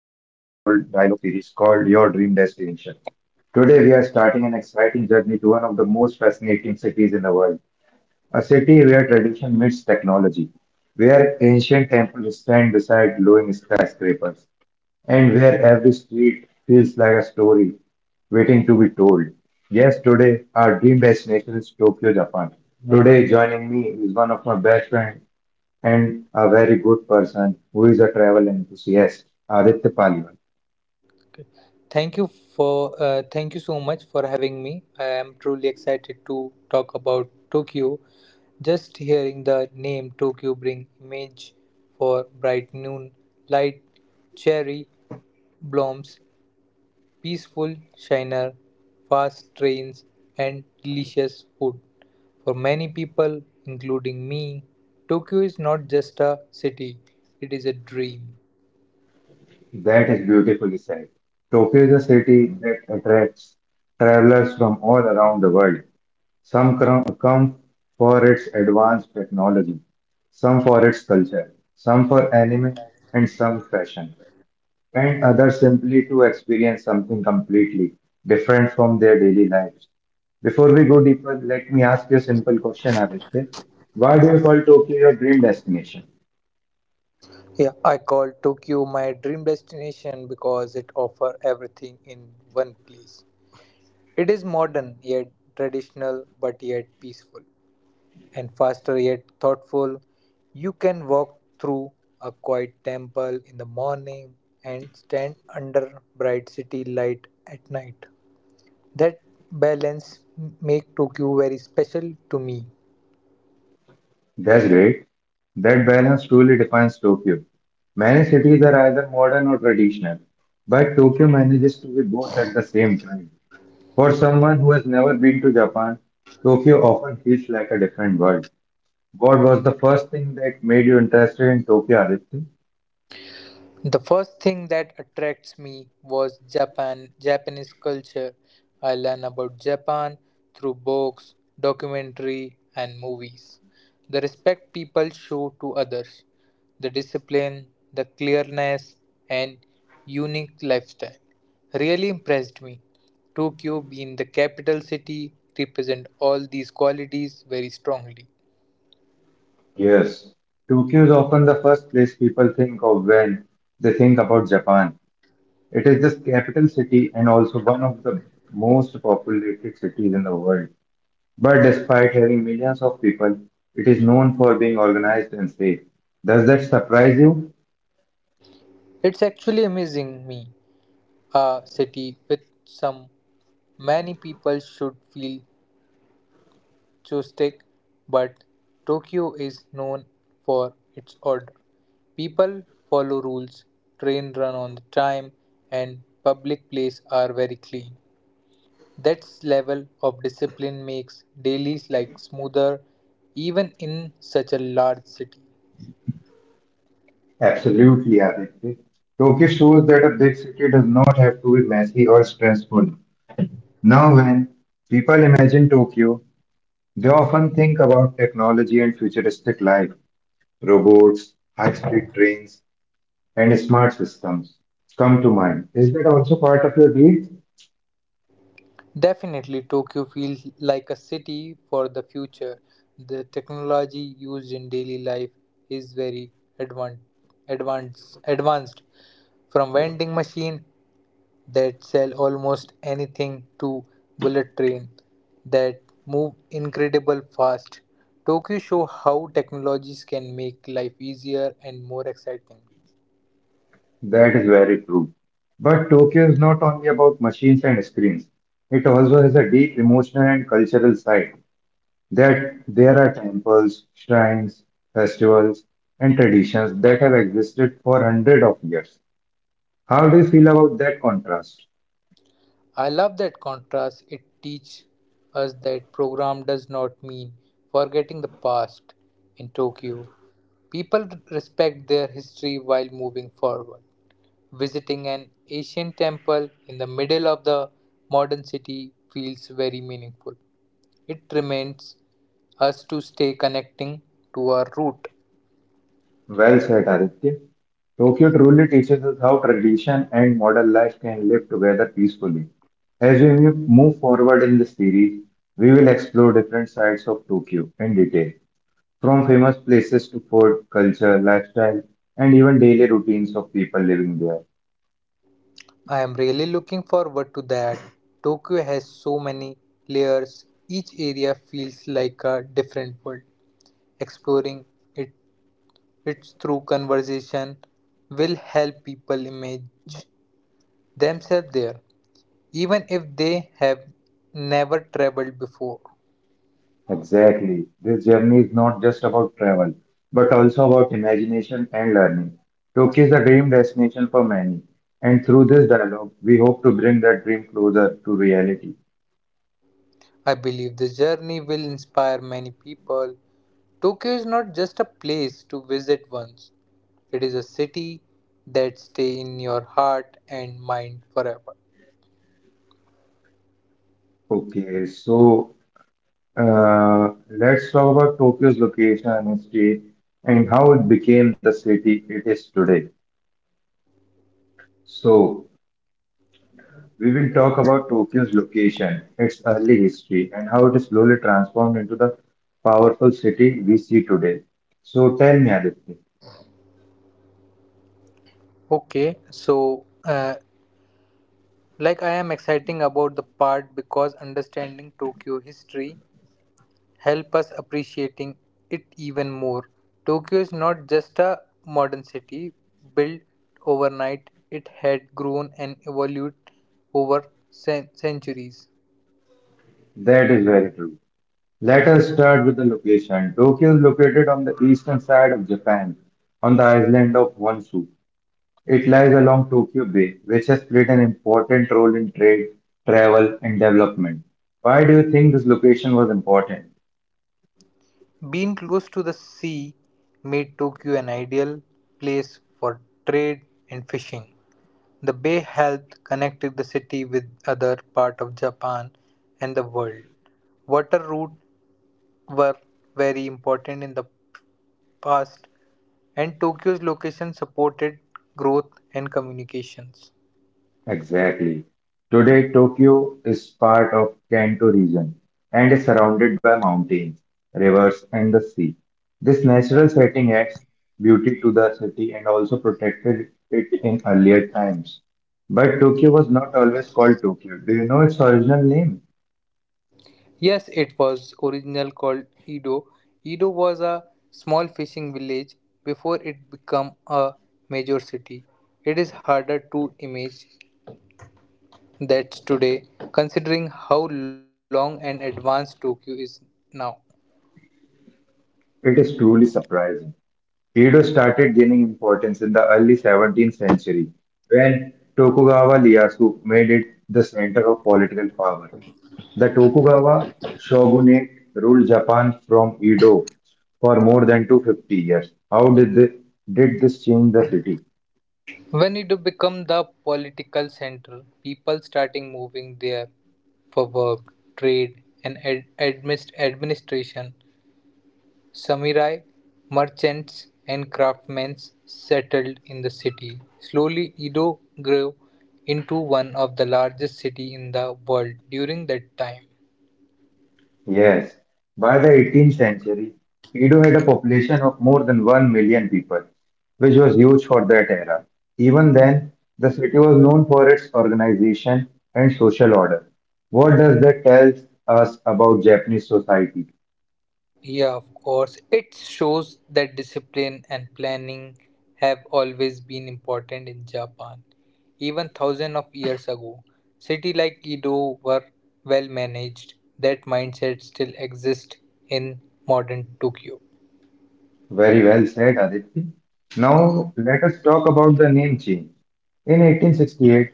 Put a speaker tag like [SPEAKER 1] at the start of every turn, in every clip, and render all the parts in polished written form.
[SPEAKER 1] dialogue series called Your Dream Destination. Today, we are starting an exciting journey to one of the most fascinating cities in the world, a city where tradition meets technology, where ancient temples stand beside glowing skyscrapers, and where every street feels like a story waiting to be told. Yes, today, our dream destination is Tokyo, Japan. Today, joining me is one of my best friends and a very good person who is a travel enthusiast, Aditya Paliwal.
[SPEAKER 2] Okay. Thank you for thank you so much for having me. I am truly excited to talk about Tokyo. Just hearing the name Tokyo bring image for bright noon light, cherry blooms, peaceful shiner, fast trains, and delicious food. For many people, including me, Tokyo is not just a city; it is a dream.
[SPEAKER 1] That is beautifully said. Tokyo is a city that attracts travelers from all around the world. Some come for its advanced technology, some for its culture, some for anime, and some fashion, and others simply to experience something completely different from their daily lives. Before we go deeper, let me ask you a simple question, Aditya. Why do you call Tokyo your dream destination?
[SPEAKER 2] Yeah, I call Tokyo my dream destination because it offers everything in one place. It is modern yet traditional, but yet peaceful, and faster yet thoughtful. You can walk through a quiet temple in the morning and stand under bright city light at night. That balance make Tokyo very special to me.
[SPEAKER 1] That's great. That balance truly defines Tokyo. Many cities are either modern or traditional, but Tokyo manages to be both at the same time. For someone who has never been to Japan, Tokyo often feels like a different world. What was the first thing that made you interested in Tokyo, Aditya?
[SPEAKER 2] The first thing that attracts me was Japanese culture. I learn about Japan through books, documentary, and movies. The respect people show to others, the discipline, the clearness, and unique lifestyle really impressed me. Tokyo, being the capital city, represent all these qualities very strongly.
[SPEAKER 1] Yes, Tokyo is often the first place people think of when they think about Japan. It is the capital city and also one of the most populated cities in the world. But despite having millions of people, it is known for being organized and safe. Does that surprise you?
[SPEAKER 2] It's actually amazing me a city with some many people should feel touristic, but Tokyo is known for its order. People follow rules, train run on the time, and public places are very clean. That level of discipline makes dailies like smoother even in such a large city.
[SPEAKER 1] Absolutely, Aditya. Tokyo shows that a big city does not have to be messy or stressful. Now, when people imagine Tokyo, they often think about technology and futuristic life. Robots, high-speed trains, and smart systems come to mind. Is that also part of your deal?
[SPEAKER 2] Definitely, Tokyo feels like a city for the future. The technology used in daily life is very advan- advanced, from vending machine that sell almost anything to bullet train that move incredible fast. Tokyo show how technologies can make life easier and more exciting.
[SPEAKER 1] That is very true. But Tokyo is not only about machines and screens. It also has a deep emotional and cultural side. That there are temples, shrines, festivals, and traditions that have existed for hundreds of years. How do you feel about that contrast?
[SPEAKER 2] I love that contrast. It teaches us that program does not mean forgetting the past. In Tokyo, people respect their history while moving forward. Visiting an ancient temple in the middle of the modern city feels very meaningful. It reminds us to stay connecting to our root.
[SPEAKER 1] Well said, Aditya. Tokyo truly teaches us how tradition and modern life can live together peacefully. As we move forward in the series, we will explore different sides of Tokyo in detail, from famous places to food, culture, lifestyle, and even daily routines of people living there.
[SPEAKER 2] I am really looking forward to that. Tokyo has so many layers, each area feels like a different world. Exploring it it's through conversation will help people image themselves there even if they have never traveled before.
[SPEAKER 1] Exactly. This journey is not just about travel, but also about imagination and learning. Tokyo is a dream destination for many, and through this dialogue, we hope to bring that dream closer to reality.
[SPEAKER 2] I believe the journey will inspire many people. Tokyo is not just a place to visit once. It is a city that stays in your heart and mind forever.
[SPEAKER 1] Okay, so let's talk about Tokyo's location and history and how it became the city it is today. So, we will talk about Tokyo's location, its early history, and how it is slowly transformed into the powerful city we see today. So, tell me, Aditya,
[SPEAKER 2] Okay, so uh, like I am exciting about the part because understanding Tokyo history help us appreciating it even more. Tokyo is not just a modern city built overnight, it had grown and evolved over centuries.
[SPEAKER 1] that is very true. Let us start with the location. Tokyo is located on the eastern side of Japan, on the island of Honshu. It lies along Tokyo Bay, which has played an important role in trade, travel, and development. Why do you think this location was important?
[SPEAKER 2] Being close to the sea made Tokyo an ideal place for trade and fishing. The bay helped connect the city with other part of Japan and the world. Water routes were very important in the past and Tokyo's location supported growth and communications.
[SPEAKER 1] Exactly. Today, Tokyo is part of Kanto region and is surrounded by mountains, rivers, and the sea. This natural setting adds beauty to the city and also protected it in earlier times. But Tokyo was not always called Tokyo. Do you know its original name?
[SPEAKER 2] Yes, it was originally called Edo. Edo was a small fishing village before it became a major city. It is harder to imagine that today, considering how long and advanced Tokyo is now.
[SPEAKER 1] It is truly surprising. Edo started gaining importance in the early 17th century when Tokugawa Ieyasu made it the center of political power. The Tokugawa shogunate ruled Japan from Edo for more than 250 years. How did this change the city?
[SPEAKER 2] When Edo became the political center, people starting moving there for work, trade, and administration. Samurai, merchants, and craftsmen settled in the city. Slowly, Edo grew into one of the largest cities in the world during that time.
[SPEAKER 1] Yes, by the 18th century, Edo had a population of more than 1 million people, which was huge for that era. Even then, the city was known for its organization and social order. What does that tell us about Japanese society?
[SPEAKER 2] Yeah, of course. It shows that discipline and planning have always been important in Japan. Even thousands of years ago, cities like Edo were well managed. That mindset still exists in modern Tokyo.
[SPEAKER 1] Very well said, Aditi. Now, let us talk about the name change. In 1868,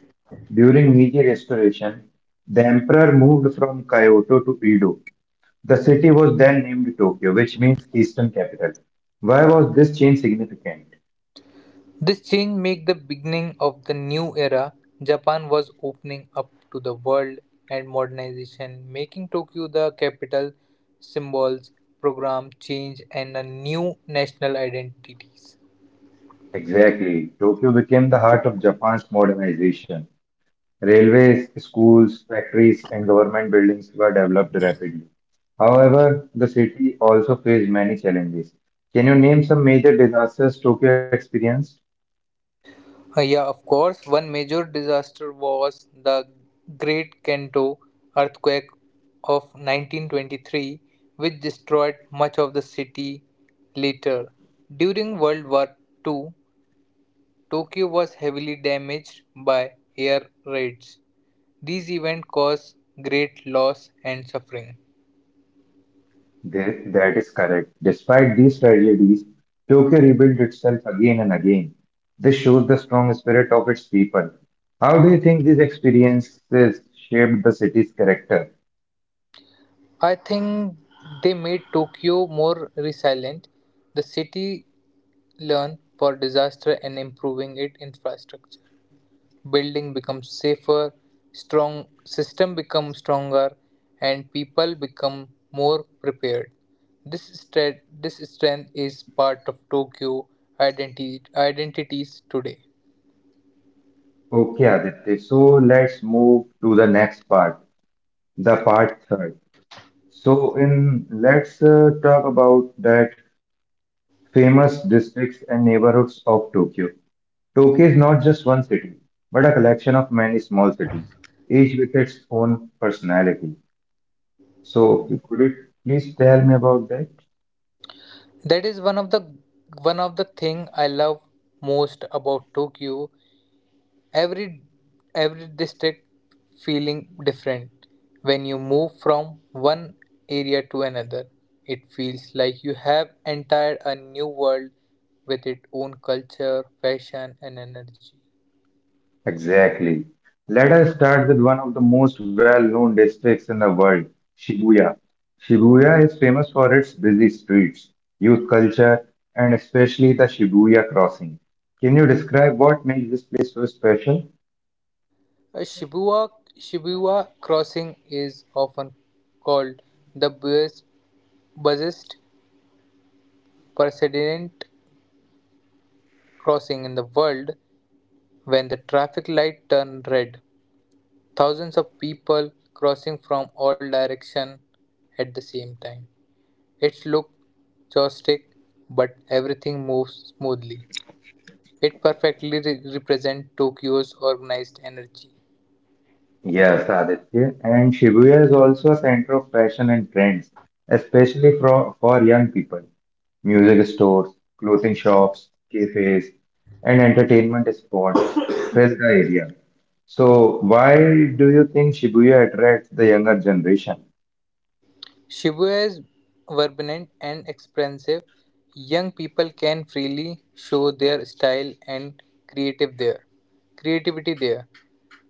[SPEAKER 1] during Meiji Restoration, the emperor moved from Kyoto to Edo. The city was then named Tokyo, which means Eastern Capital. Why was this change significant?
[SPEAKER 2] This change marked the beginning of the new era. Japan was opening up to the world and modernization, making Tokyo the capital, symbols, program change and a new national identities.
[SPEAKER 1] Exactly. Tokyo became the heart of Japan's modernization. Railways, schools, factories, and government buildings were developed rapidly. However, the city also faced many challenges. Can you name some major disasters Tokyo experienced?
[SPEAKER 2] Yeah, of course, one major disaster was the Great Kanto earthquake of 1923, which destroyed much of the city later. During World War II, Tokyo was heavily damaged by air raids. These events caused great loss and suffering.
[SPEAKER 1] That is correct. Despite these tragedies, Tokyo rebuilt itself again and again. This shows the strong spirit of its people. How do you think these experiences shaped the city's character?
[SPEAKER 2] I think they made Tokyo more resilient. The city learned for disaster and improving its infrastructure. Building becomes safer, strong system becomes stronger, and people become more prepared. This strength is part of Tokyo identity, identities today.
[SPEAKER 1] Okay, Aditya, so let's move to the next part, the part third. So, in let's talk about that famous districts and neighborhoods of Tokyo. Tokyo is not just one city, but a collection of many small cities, each with its own personality. So, could you please tell me about that?
[SPEAKER 2] That is one of the thing I love most about Tokyo. Every every district feeling different. When you move from one area to another, it feels like you have entered a new world with its own culture, fashion, and energy.
[SPEAKER 1] Exactly. Let us start with one of the most well-known districts in the world, Shibuya. Shibuya is famous for its busy streets, youth culture, and especially the Shibuya crossing. Can you describe what makes this place so special?
[SPEAKER 2] Uh, Shibuya Shibuya Crossing is often called the busiest pedestrian crossing in the world. When the traffic light turned red, thousands of people crossing from all directions at the same time. It looked chaotic, but everything moves smoothly. It perfectly represents Tokyo's organized energy.
[SPEAKER 1] Yes, Aditya. And Shibuya is also a center of fashion and trends, especially for young people. Music stores, clothing shops, cafes, and entertainment spots fill the area. So, why do you think Shibuya attracts the younger generation?
[SPEAKER 2] Shibuya is vibrant and expressive; young people can freely show their style and creative there creativity there.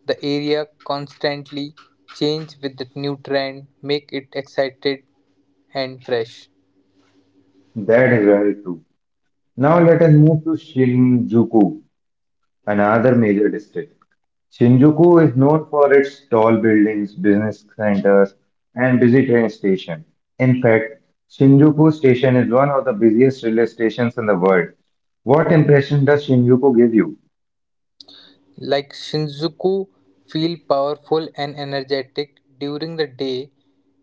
[SPEAKER 2] The area constantly changes with the new trend, make it excited and fresh.
[SPEAKER 1] That is very true. Now, let us move to Shinjuku, another major district. Shinjuku is known for its tall buildings, business centers, and busy train station. In fact, Shinjuku Station is one of the busiest railway stations in the world. What impression does Shinjuku give you?
[SPEAKER 2] Like Shinjuku feel powerful and energetic during the day,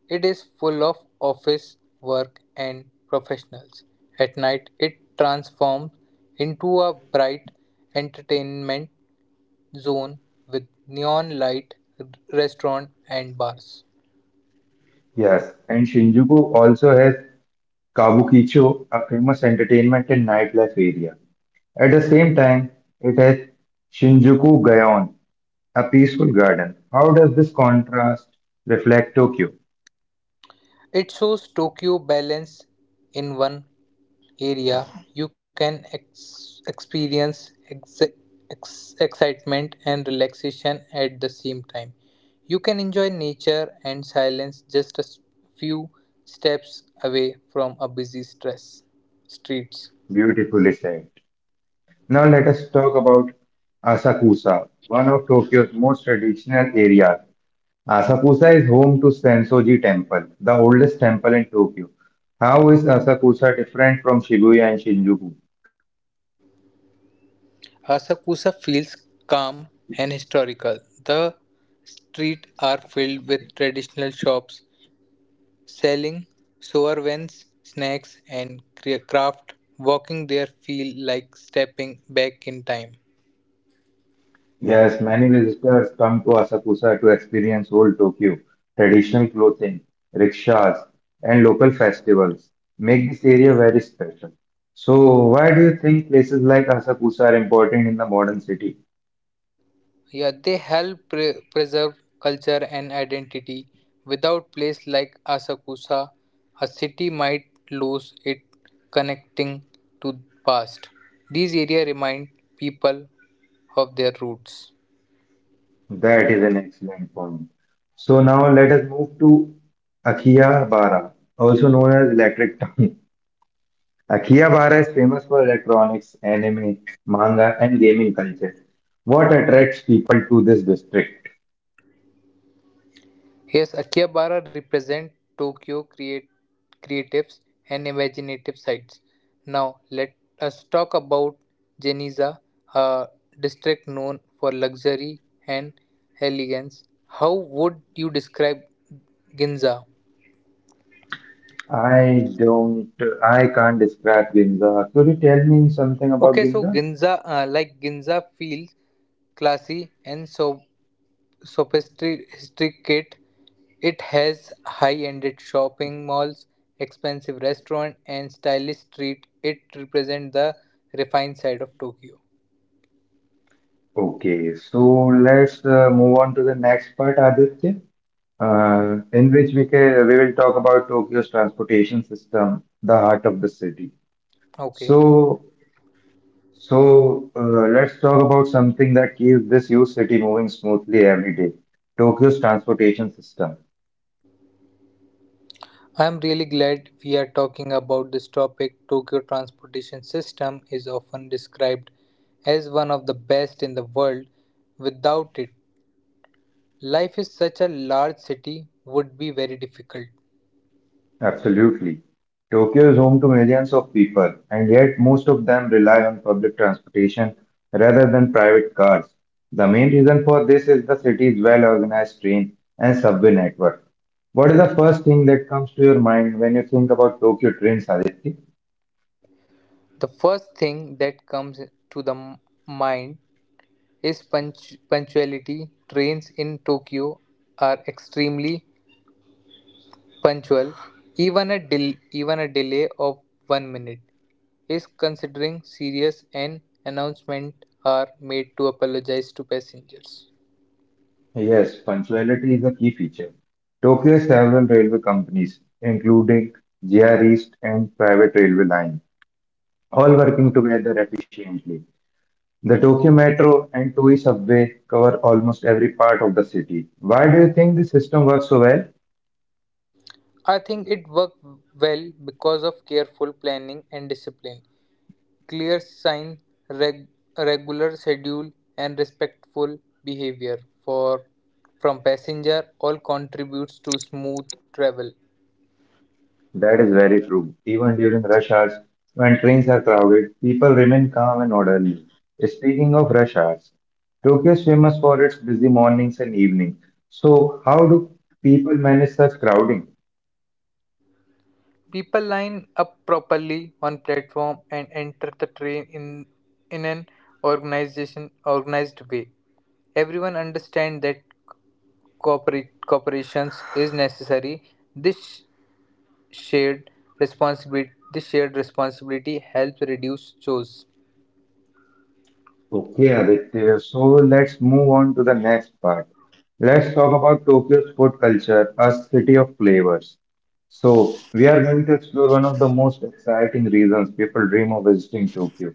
[SPEAKER 2] it is full of office work and professionals. At night, it transforms into a bright entertainment zone with neon light, r- restaurant and bars.
[SPEAKER 1] Yes, and Shinjuku also has Kabukicho, a famous entertainment and nightlife area. At the same time, it has Shinjuku Gaon, a peaceful garden. How does this contrast reflect Tokyo?
[SPEAKER 2] It shows Tokyo balance in one area, you can experience excitement and relaxation at the same time. You can enjoy nature and silence just a few steps away from a busy stress streets.
[SPEAKER 1] Beautifully said. Now let us talk about Asakusa, one of Tokyo's most traditional areas. Asakusa is home to Sensoji Temple, the oldest temple in Tokyo. How is Asakusa different from Shibuya and Shinjuku?
[SPEAKER 2] Asakusa feels calm and historical. The streets are filled with traditional shops, selling souvenirs, snacks, and craft, walking there feel like stepping back in time.
[SPEAKER 1] Yes, many visitors come to Asakusa to experience old Tokyo, traditional clothing, rickshaws, and local festivals. Make this area very special. So, why do you think places like Asakusa are important in the modern city?
[SPEAKER 2] Yeah, they help preserve culture and identity. Without place like Asakusa, a city might lose its connecting to past. These areas remind people of their roots.
[SPEAKER 1] That is an excellent point. So now let us move to Akihabara, also known as Electric Town. Akihabara is famous for electronics, anime, manga, and gaming culture. What attracts people to this district?
[SPEAKER 2] Yes, Akihabara represent Tokyo create, creatives and imaginative sites. Now let us talk about Geniza, a district known for luxury and elegance. How would you describe Ginza?
[SPEAKER 1] I don't, I can't describe Ginza. Could you tell me something about
[SPEAKER 2] Okay, so
[SPEAKER 1] Ginza?
[SPEAKER 2] Ginza, like Ginza, feels classy and so sophisticated. It has high-ended shopping malls, expensive restaurants, and stylish street. It represents the refined side of Tokyo.
[SPEAKER 1] Okay, so let's move on to the next part, Aditya, in which we will talk about Tokyo's transportation system, the heart of the city.
[SPEAKER 2] Okay.
[SPEAKER 1] So, let's talk about something that keeps this huge city moving smoothly every day. Tokyo's transportation system.
[SPEAKER 2] I'm really glad we are talking about this topic. Tokyo transportation system is often described as one of the best in the world. Without it, life in such a large city would be very difficult.
[SPEAKER 1] Absolutely. Tokyo is home to millions of people, and yet most of them rely on public transportation rather than private cars. The main reason for this is the city's well-organized train and subway network. What is the first thing that comes to your mind when you think about Tokyo trains, Aditi?
[SPEAKER 2] The first thing that comes to the mind his punctuality. Trains in Tokyo are extremely punctual. Even a delay of 1 minute is considering serious, and announcements are made to apologize to passengers.
[SPEAKER 1] Yes, punctuality is a key feature. Tokyo's several railway companies, including JR East and private railway line, all working together efficiently. The Tokyo Metro and Toei subway cover almost every part of the city. Why do you think this system works so well?
[SPEAKER 2] I think it worked well because of careful planning and discipline, clear sign, reg- regular schedule, and respectful behavior for from passenger all contributes to smooth travel.
[SPEAKER 1] That is very true. Even during rush hours, when trains are crowded, people remain calm and orderly. Speaking of rush hours, Tokyo is famous for its busy mornings and evenings. So, how do people manage such crowding?
[SPEAKER 2] People line up properly on platform and enter the train in an organization organized way. Everyone understands that cooperations is necessary. This shared this shared responsibility helps reduce chores.
[SPEAKER 1] Okay, Aditya. So, let's move on to the next part. Let's talk about Tokyo's food culture, a city of flavors. So, we are going to explore one of the most exciting reasons people dream of visiting Tokyo.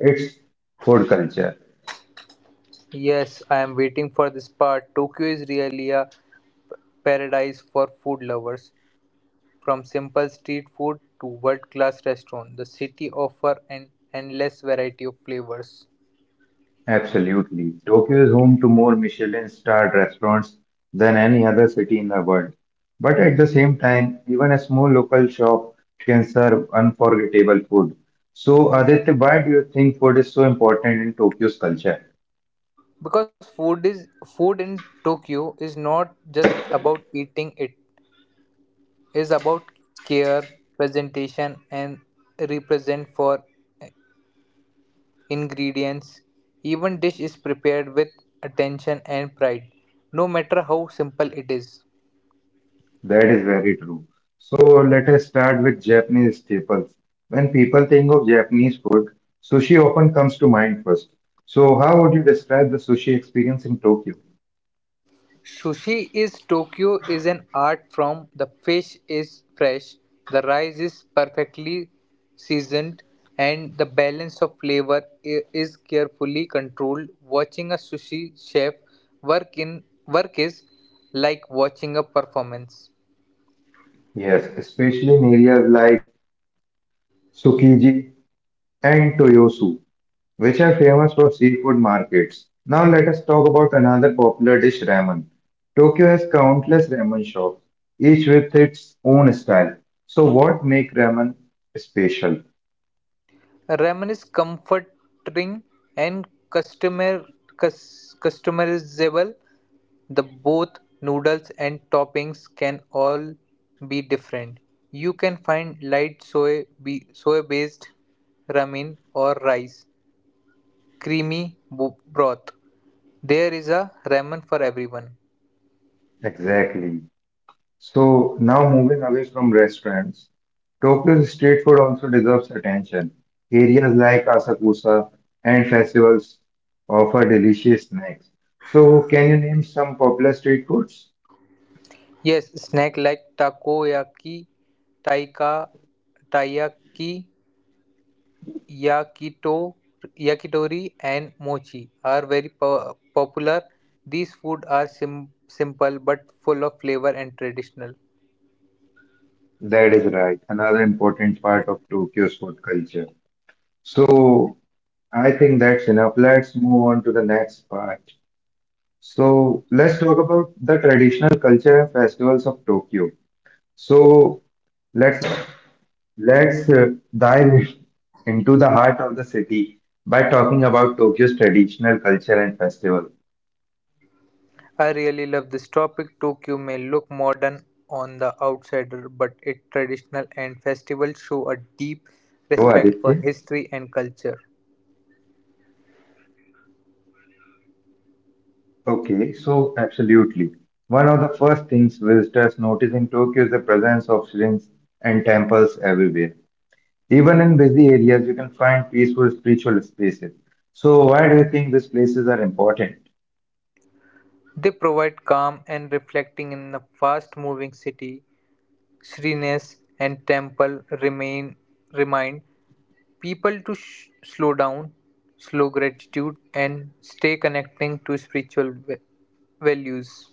[SPEAKER 1] It's food culture.
[SPEAKER 2] Yes, I am waiting for this part. Tokyo is really a paradise for food lovers. From simple street food to world-class restaurant, the city offers an endless variety of flavors.
[SPEAKER 1] Absolutely. Tokyo is home to more Michelin-starred restaurants than any other city in the world. But at the same time, even a small local shop can serve unforgettable food. So, Aditya, why do you think food is so important in Tokyo's culture?
[SPEAKER 2] Because food in Tokyo is not just about eating; it is about care, presentation, and represent for ingredients. Even dish is prepared with attention and pride, no matter how simple it is.
[SPEAKER 1] That is very true. So, let us start with Japanese staples. When people think of Japanese food, sushi often comes to mind first. So, how would you describe the sushi experience in Tokyo?
[SPEAKER 2] Sushi is Tokyo is an art form. The fish is fresh, the rice is perfectly seasoned, and the balance of flavor is carefully controlled. Watching a sushi chef work in work is like watching a performance.
[SPEAKER 1] Yes, especially in areas like Tsukiji and Toyosu, which are famous for seafood markets. Now let us talk about another popular dish, ramen. Tokyo has countless ramen shops, each with its own style. So what make ramen special?
[SPEAKER 2] Ramen is comforting and customer customizable. The both noodles and toppings can all be different. You can find light soy-based ramen or rice creamy broth. There is a ramen for everyone.
[SPEAKER 1] Exactly. So now moving away from restaurants, Tokyo's street food also deserves attention. Areas like Asakusa and festivals offer delicious snacks. So can you name some popular street foods?
[SPEAKER 2] Yes, snack like takoyaki, taika, taiyaki, yakito, yakitori, and mochi are very popular. These food are simple but full of flavor and traditional.
[SPEAKER 1] That is right. Another important part of Tokyo's food culture. So I think that's enough. Let's move on to the next part. So let's talk about the traditional culture and festivals of Tokyo. So let's let's dive into the heart of the city by talking about Tokyo's traditional culture and festival.
[SPEAKER 2] I really love this topic. Tokyo may look modern on the outsider, but its traditional and festivals show a deep
[SPEAKER 1] Hello,
[SPEAKER 2] respect for
[SPEAKER 1] Aditya.
[SPEAKER 2] history and culture.
[SPEAKER 1] Okay, so absolutely. One of the first things visitors notice in Tokyo is the presence of shrines and temples everywhere. Even in busy areas, you can find peaceful spiritual spaces. So, why do you think these places are important?
[SPEAKER 2] They provide calm and reflecting in the fast-moving city. Shrines and temple remain remind people to slow down, slow gratitude, and stay connecting to spiritual values.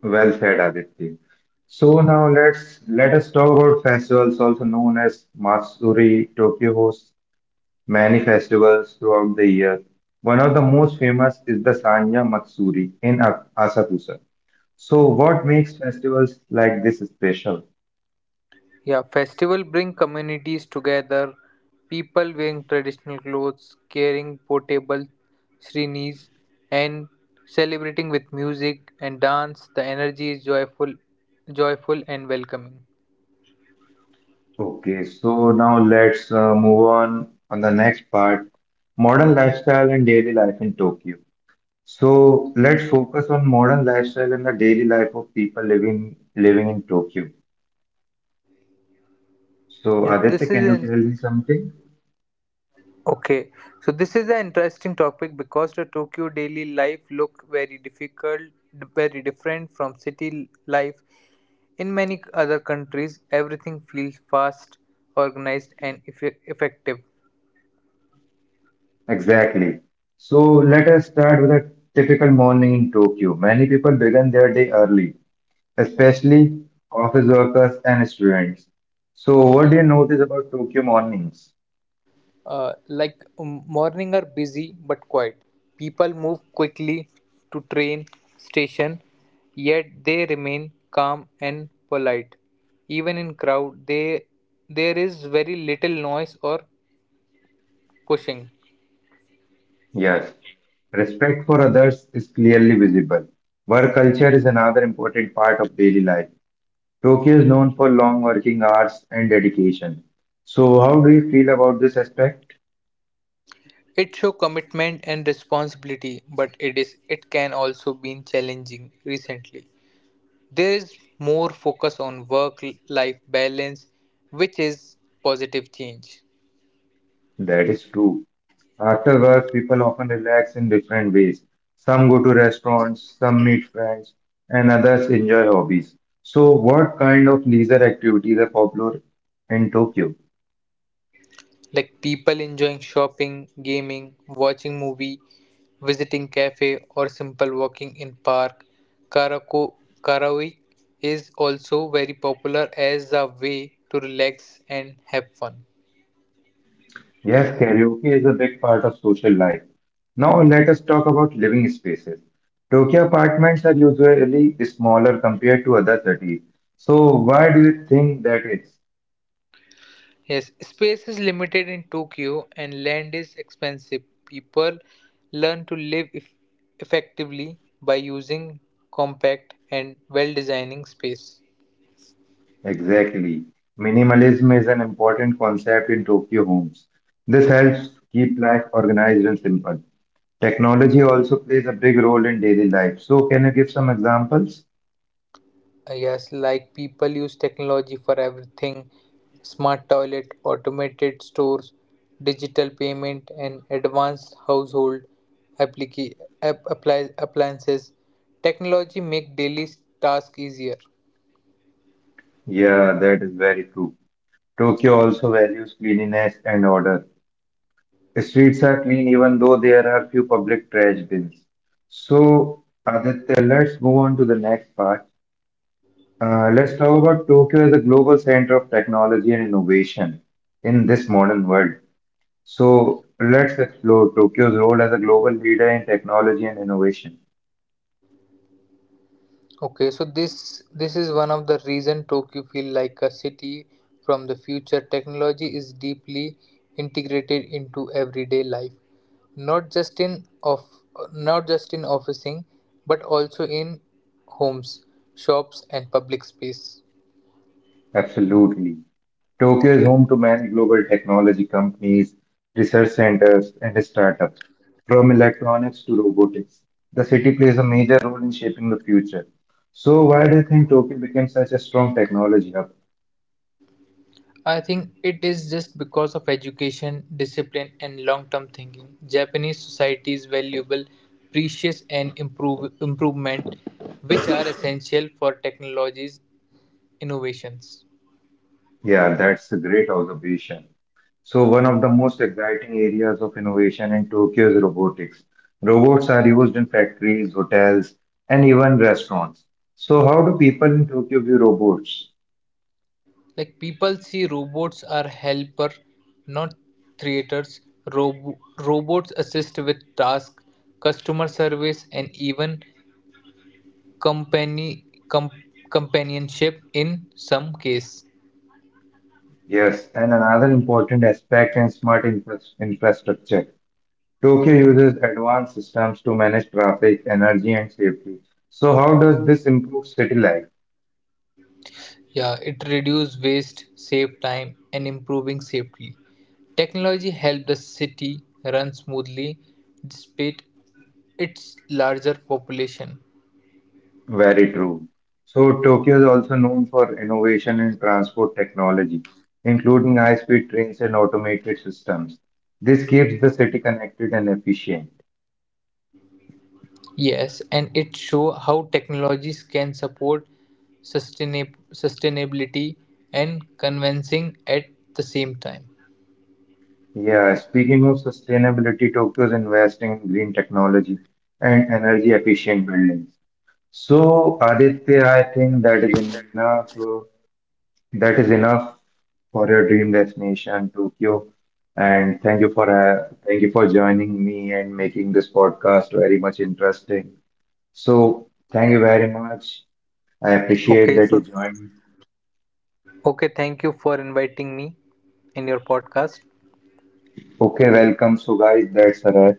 [SPEAKER 1] Well said, Aditya. So now let us talk about festivals, also known as Matsuri. Tokyo hosts many festivals throughout the year. One of the most famous is the Sanya Matsuri in Asakusa. So, what makes festivals like this special?
[SPEAKER 2] Yeah, festival bring communities together. People wearing traditional clothes, carrying portable srinis, and celebrating with music and dance. The energy is joyful and welcoming.
[SPEAKER 1] Okay, so now let's move on the next part, modern lifestyle and daily life in Tokyo. So, let's focus on modern lifestyle and the daily life of people living in Tokyo.
[SPEAKER 2] Yes,
[SPEAKER 1] So,
[SPEAKER 2] this
[SPEAKER 1] Aditya,
[SPEAKER 2] is
[SPEAKER 1] can you
[SPEAKER 2] an
[SPEAKER 1] tell me something?
[SPEAKER 2] okay. So this is an interesting topic because the Tokyo daily life look very difficult, very different from city life. In many other countries, everything feels fast, organized, and effective.
[SPEAKER 1] Exactly. So, let us start with a typical morning in Tokyo. Many people begin their day early, especially office workers and students. So, what do you notice about Tokyo mornings?
[SPEAKER 2] Morning are busy but quiet. People move quickly to train station, yet they remain calm and polite. Even in crowd, they there is very little noise or pushing.
[SPEAKER 1] Yes, respect for others is clearly visible. Work culture is another important part of daily life. Tokyo is known for long working hours and dedication. So, how do you feel about this aspect?
[SPEAKER 2] It show commitment and responsibility, but it can also be challenging recently. There is more focus on work life balance, which is positive change.
[SPEAKER 1] That is true. After work, people often relax in different ways. Some go to restaurants, some meet friends, and others enjoy hobbies. So, what kind of leisure activities are popular in Tokyo?
[SPEAKER 2] Like people enjoying shopping, gaming, watching movie, visiting cafe or simple walking in park. Karako karaoke is also very popular as a way to relax and have fun.
[SPEAKER 1] Yes, karaoke is a big part of social life. Now, let us talk about living spaces. Tokyo apartments are usually smaller compared to other cities. So, why do you think that is?
[SPEAKER 2] Yes, space is limited in Tokyo and land is expensive. People learn to live effectively by using compact and well designing space.
[SPEAKER 1] Exactly. Minimalism is an important concept in Tokyo homes. This helps keep life organized and simple. Technology also plays a big role in daily life. So, can you give some examples?
[SPEAKER 2] Yes, like people use technology for everything smart toilet, automated stores, digital payment, and advanced household applica- appliances. Technology make daily tasks easier.
[SPEAKER 1] Yeah, that is very true. Tokyo also values cleanliness and order. Streets are clean even though there are few public trash bins. So, Aditya, let's move on to the next part. Let's talk about Tokyo as a global center of technology and innovation in this modern world. So let's explore Tokyo's role as a global leader in technology and innovation.
[SPEAKER 2] Okay, so this is one of the reason Tokyo feel like a city from the future. Technology is deeply integrated into everyday life, not just in of not just in officing, but also in homes, shops, and public space.
[SPEAKER 1] Absolutely. Tokyo is home to many global technology companies, research centers, and startups. From electronics to robotics, the city plays a major role in shaping the future. So, why do you think Tokyo became such a strong technology hub?
[SPEAKER 2] I think it is just because of education, discipline, and long-term thinking. Japanese society's valuable, precious, and improvement, which are essential for technologies innovations.
[SPEAKER 1] Yeah, that's a great observation. So, one of the most exciting areas of innovation in Tokyo is robotics. Robots are used in factories, hotels, and even restaurants. So, how do people in Tokyo view robots?
[SPEAKER 2] Like people see robots are helper, not creators. Robots assist with tasks, customer service, and even company com- companionship in some case.
[SPEAKER 1] Yes, and another important aspect in smart infrastructure. Tokyo uses advanced systems to manage traffic, energy, and safety. So, how does this improve city life?
[SPEAKER 2] Yeah, it reduce waste, save time, and improving safety. Technology helped the city run smoothly despite its larger population.
[SPEAKER 1] Very true. So Tokyo is also known for innovation in transport technology, including high-speed trains and automated systems. This keeps the city connected and efficient.
[SPEAKER 2] Yes, and it show how technologies can support sustainability and convincing at the same time.
[SPEAKER 1] Yeah, speaking of sustainability, Tokyo is investing in green technology and energy efficient buildings. So Aditya, I think that is enough. That is enough for your dream destination, Tokyo. And thank you for ha thank you for joining me and making this podcast very much interesting. So thank you very much. I
[SPEAKER 2] Okay,
[SPEAKER 1] appreciate
[SPEAKER 2] so
[SPEAKER 1] that you joined.
[SPEAKER 2] okay, thank you for inviting me in your podcast.
[SPEAKER 1] Okay, welcome. So guys, that's a wrap.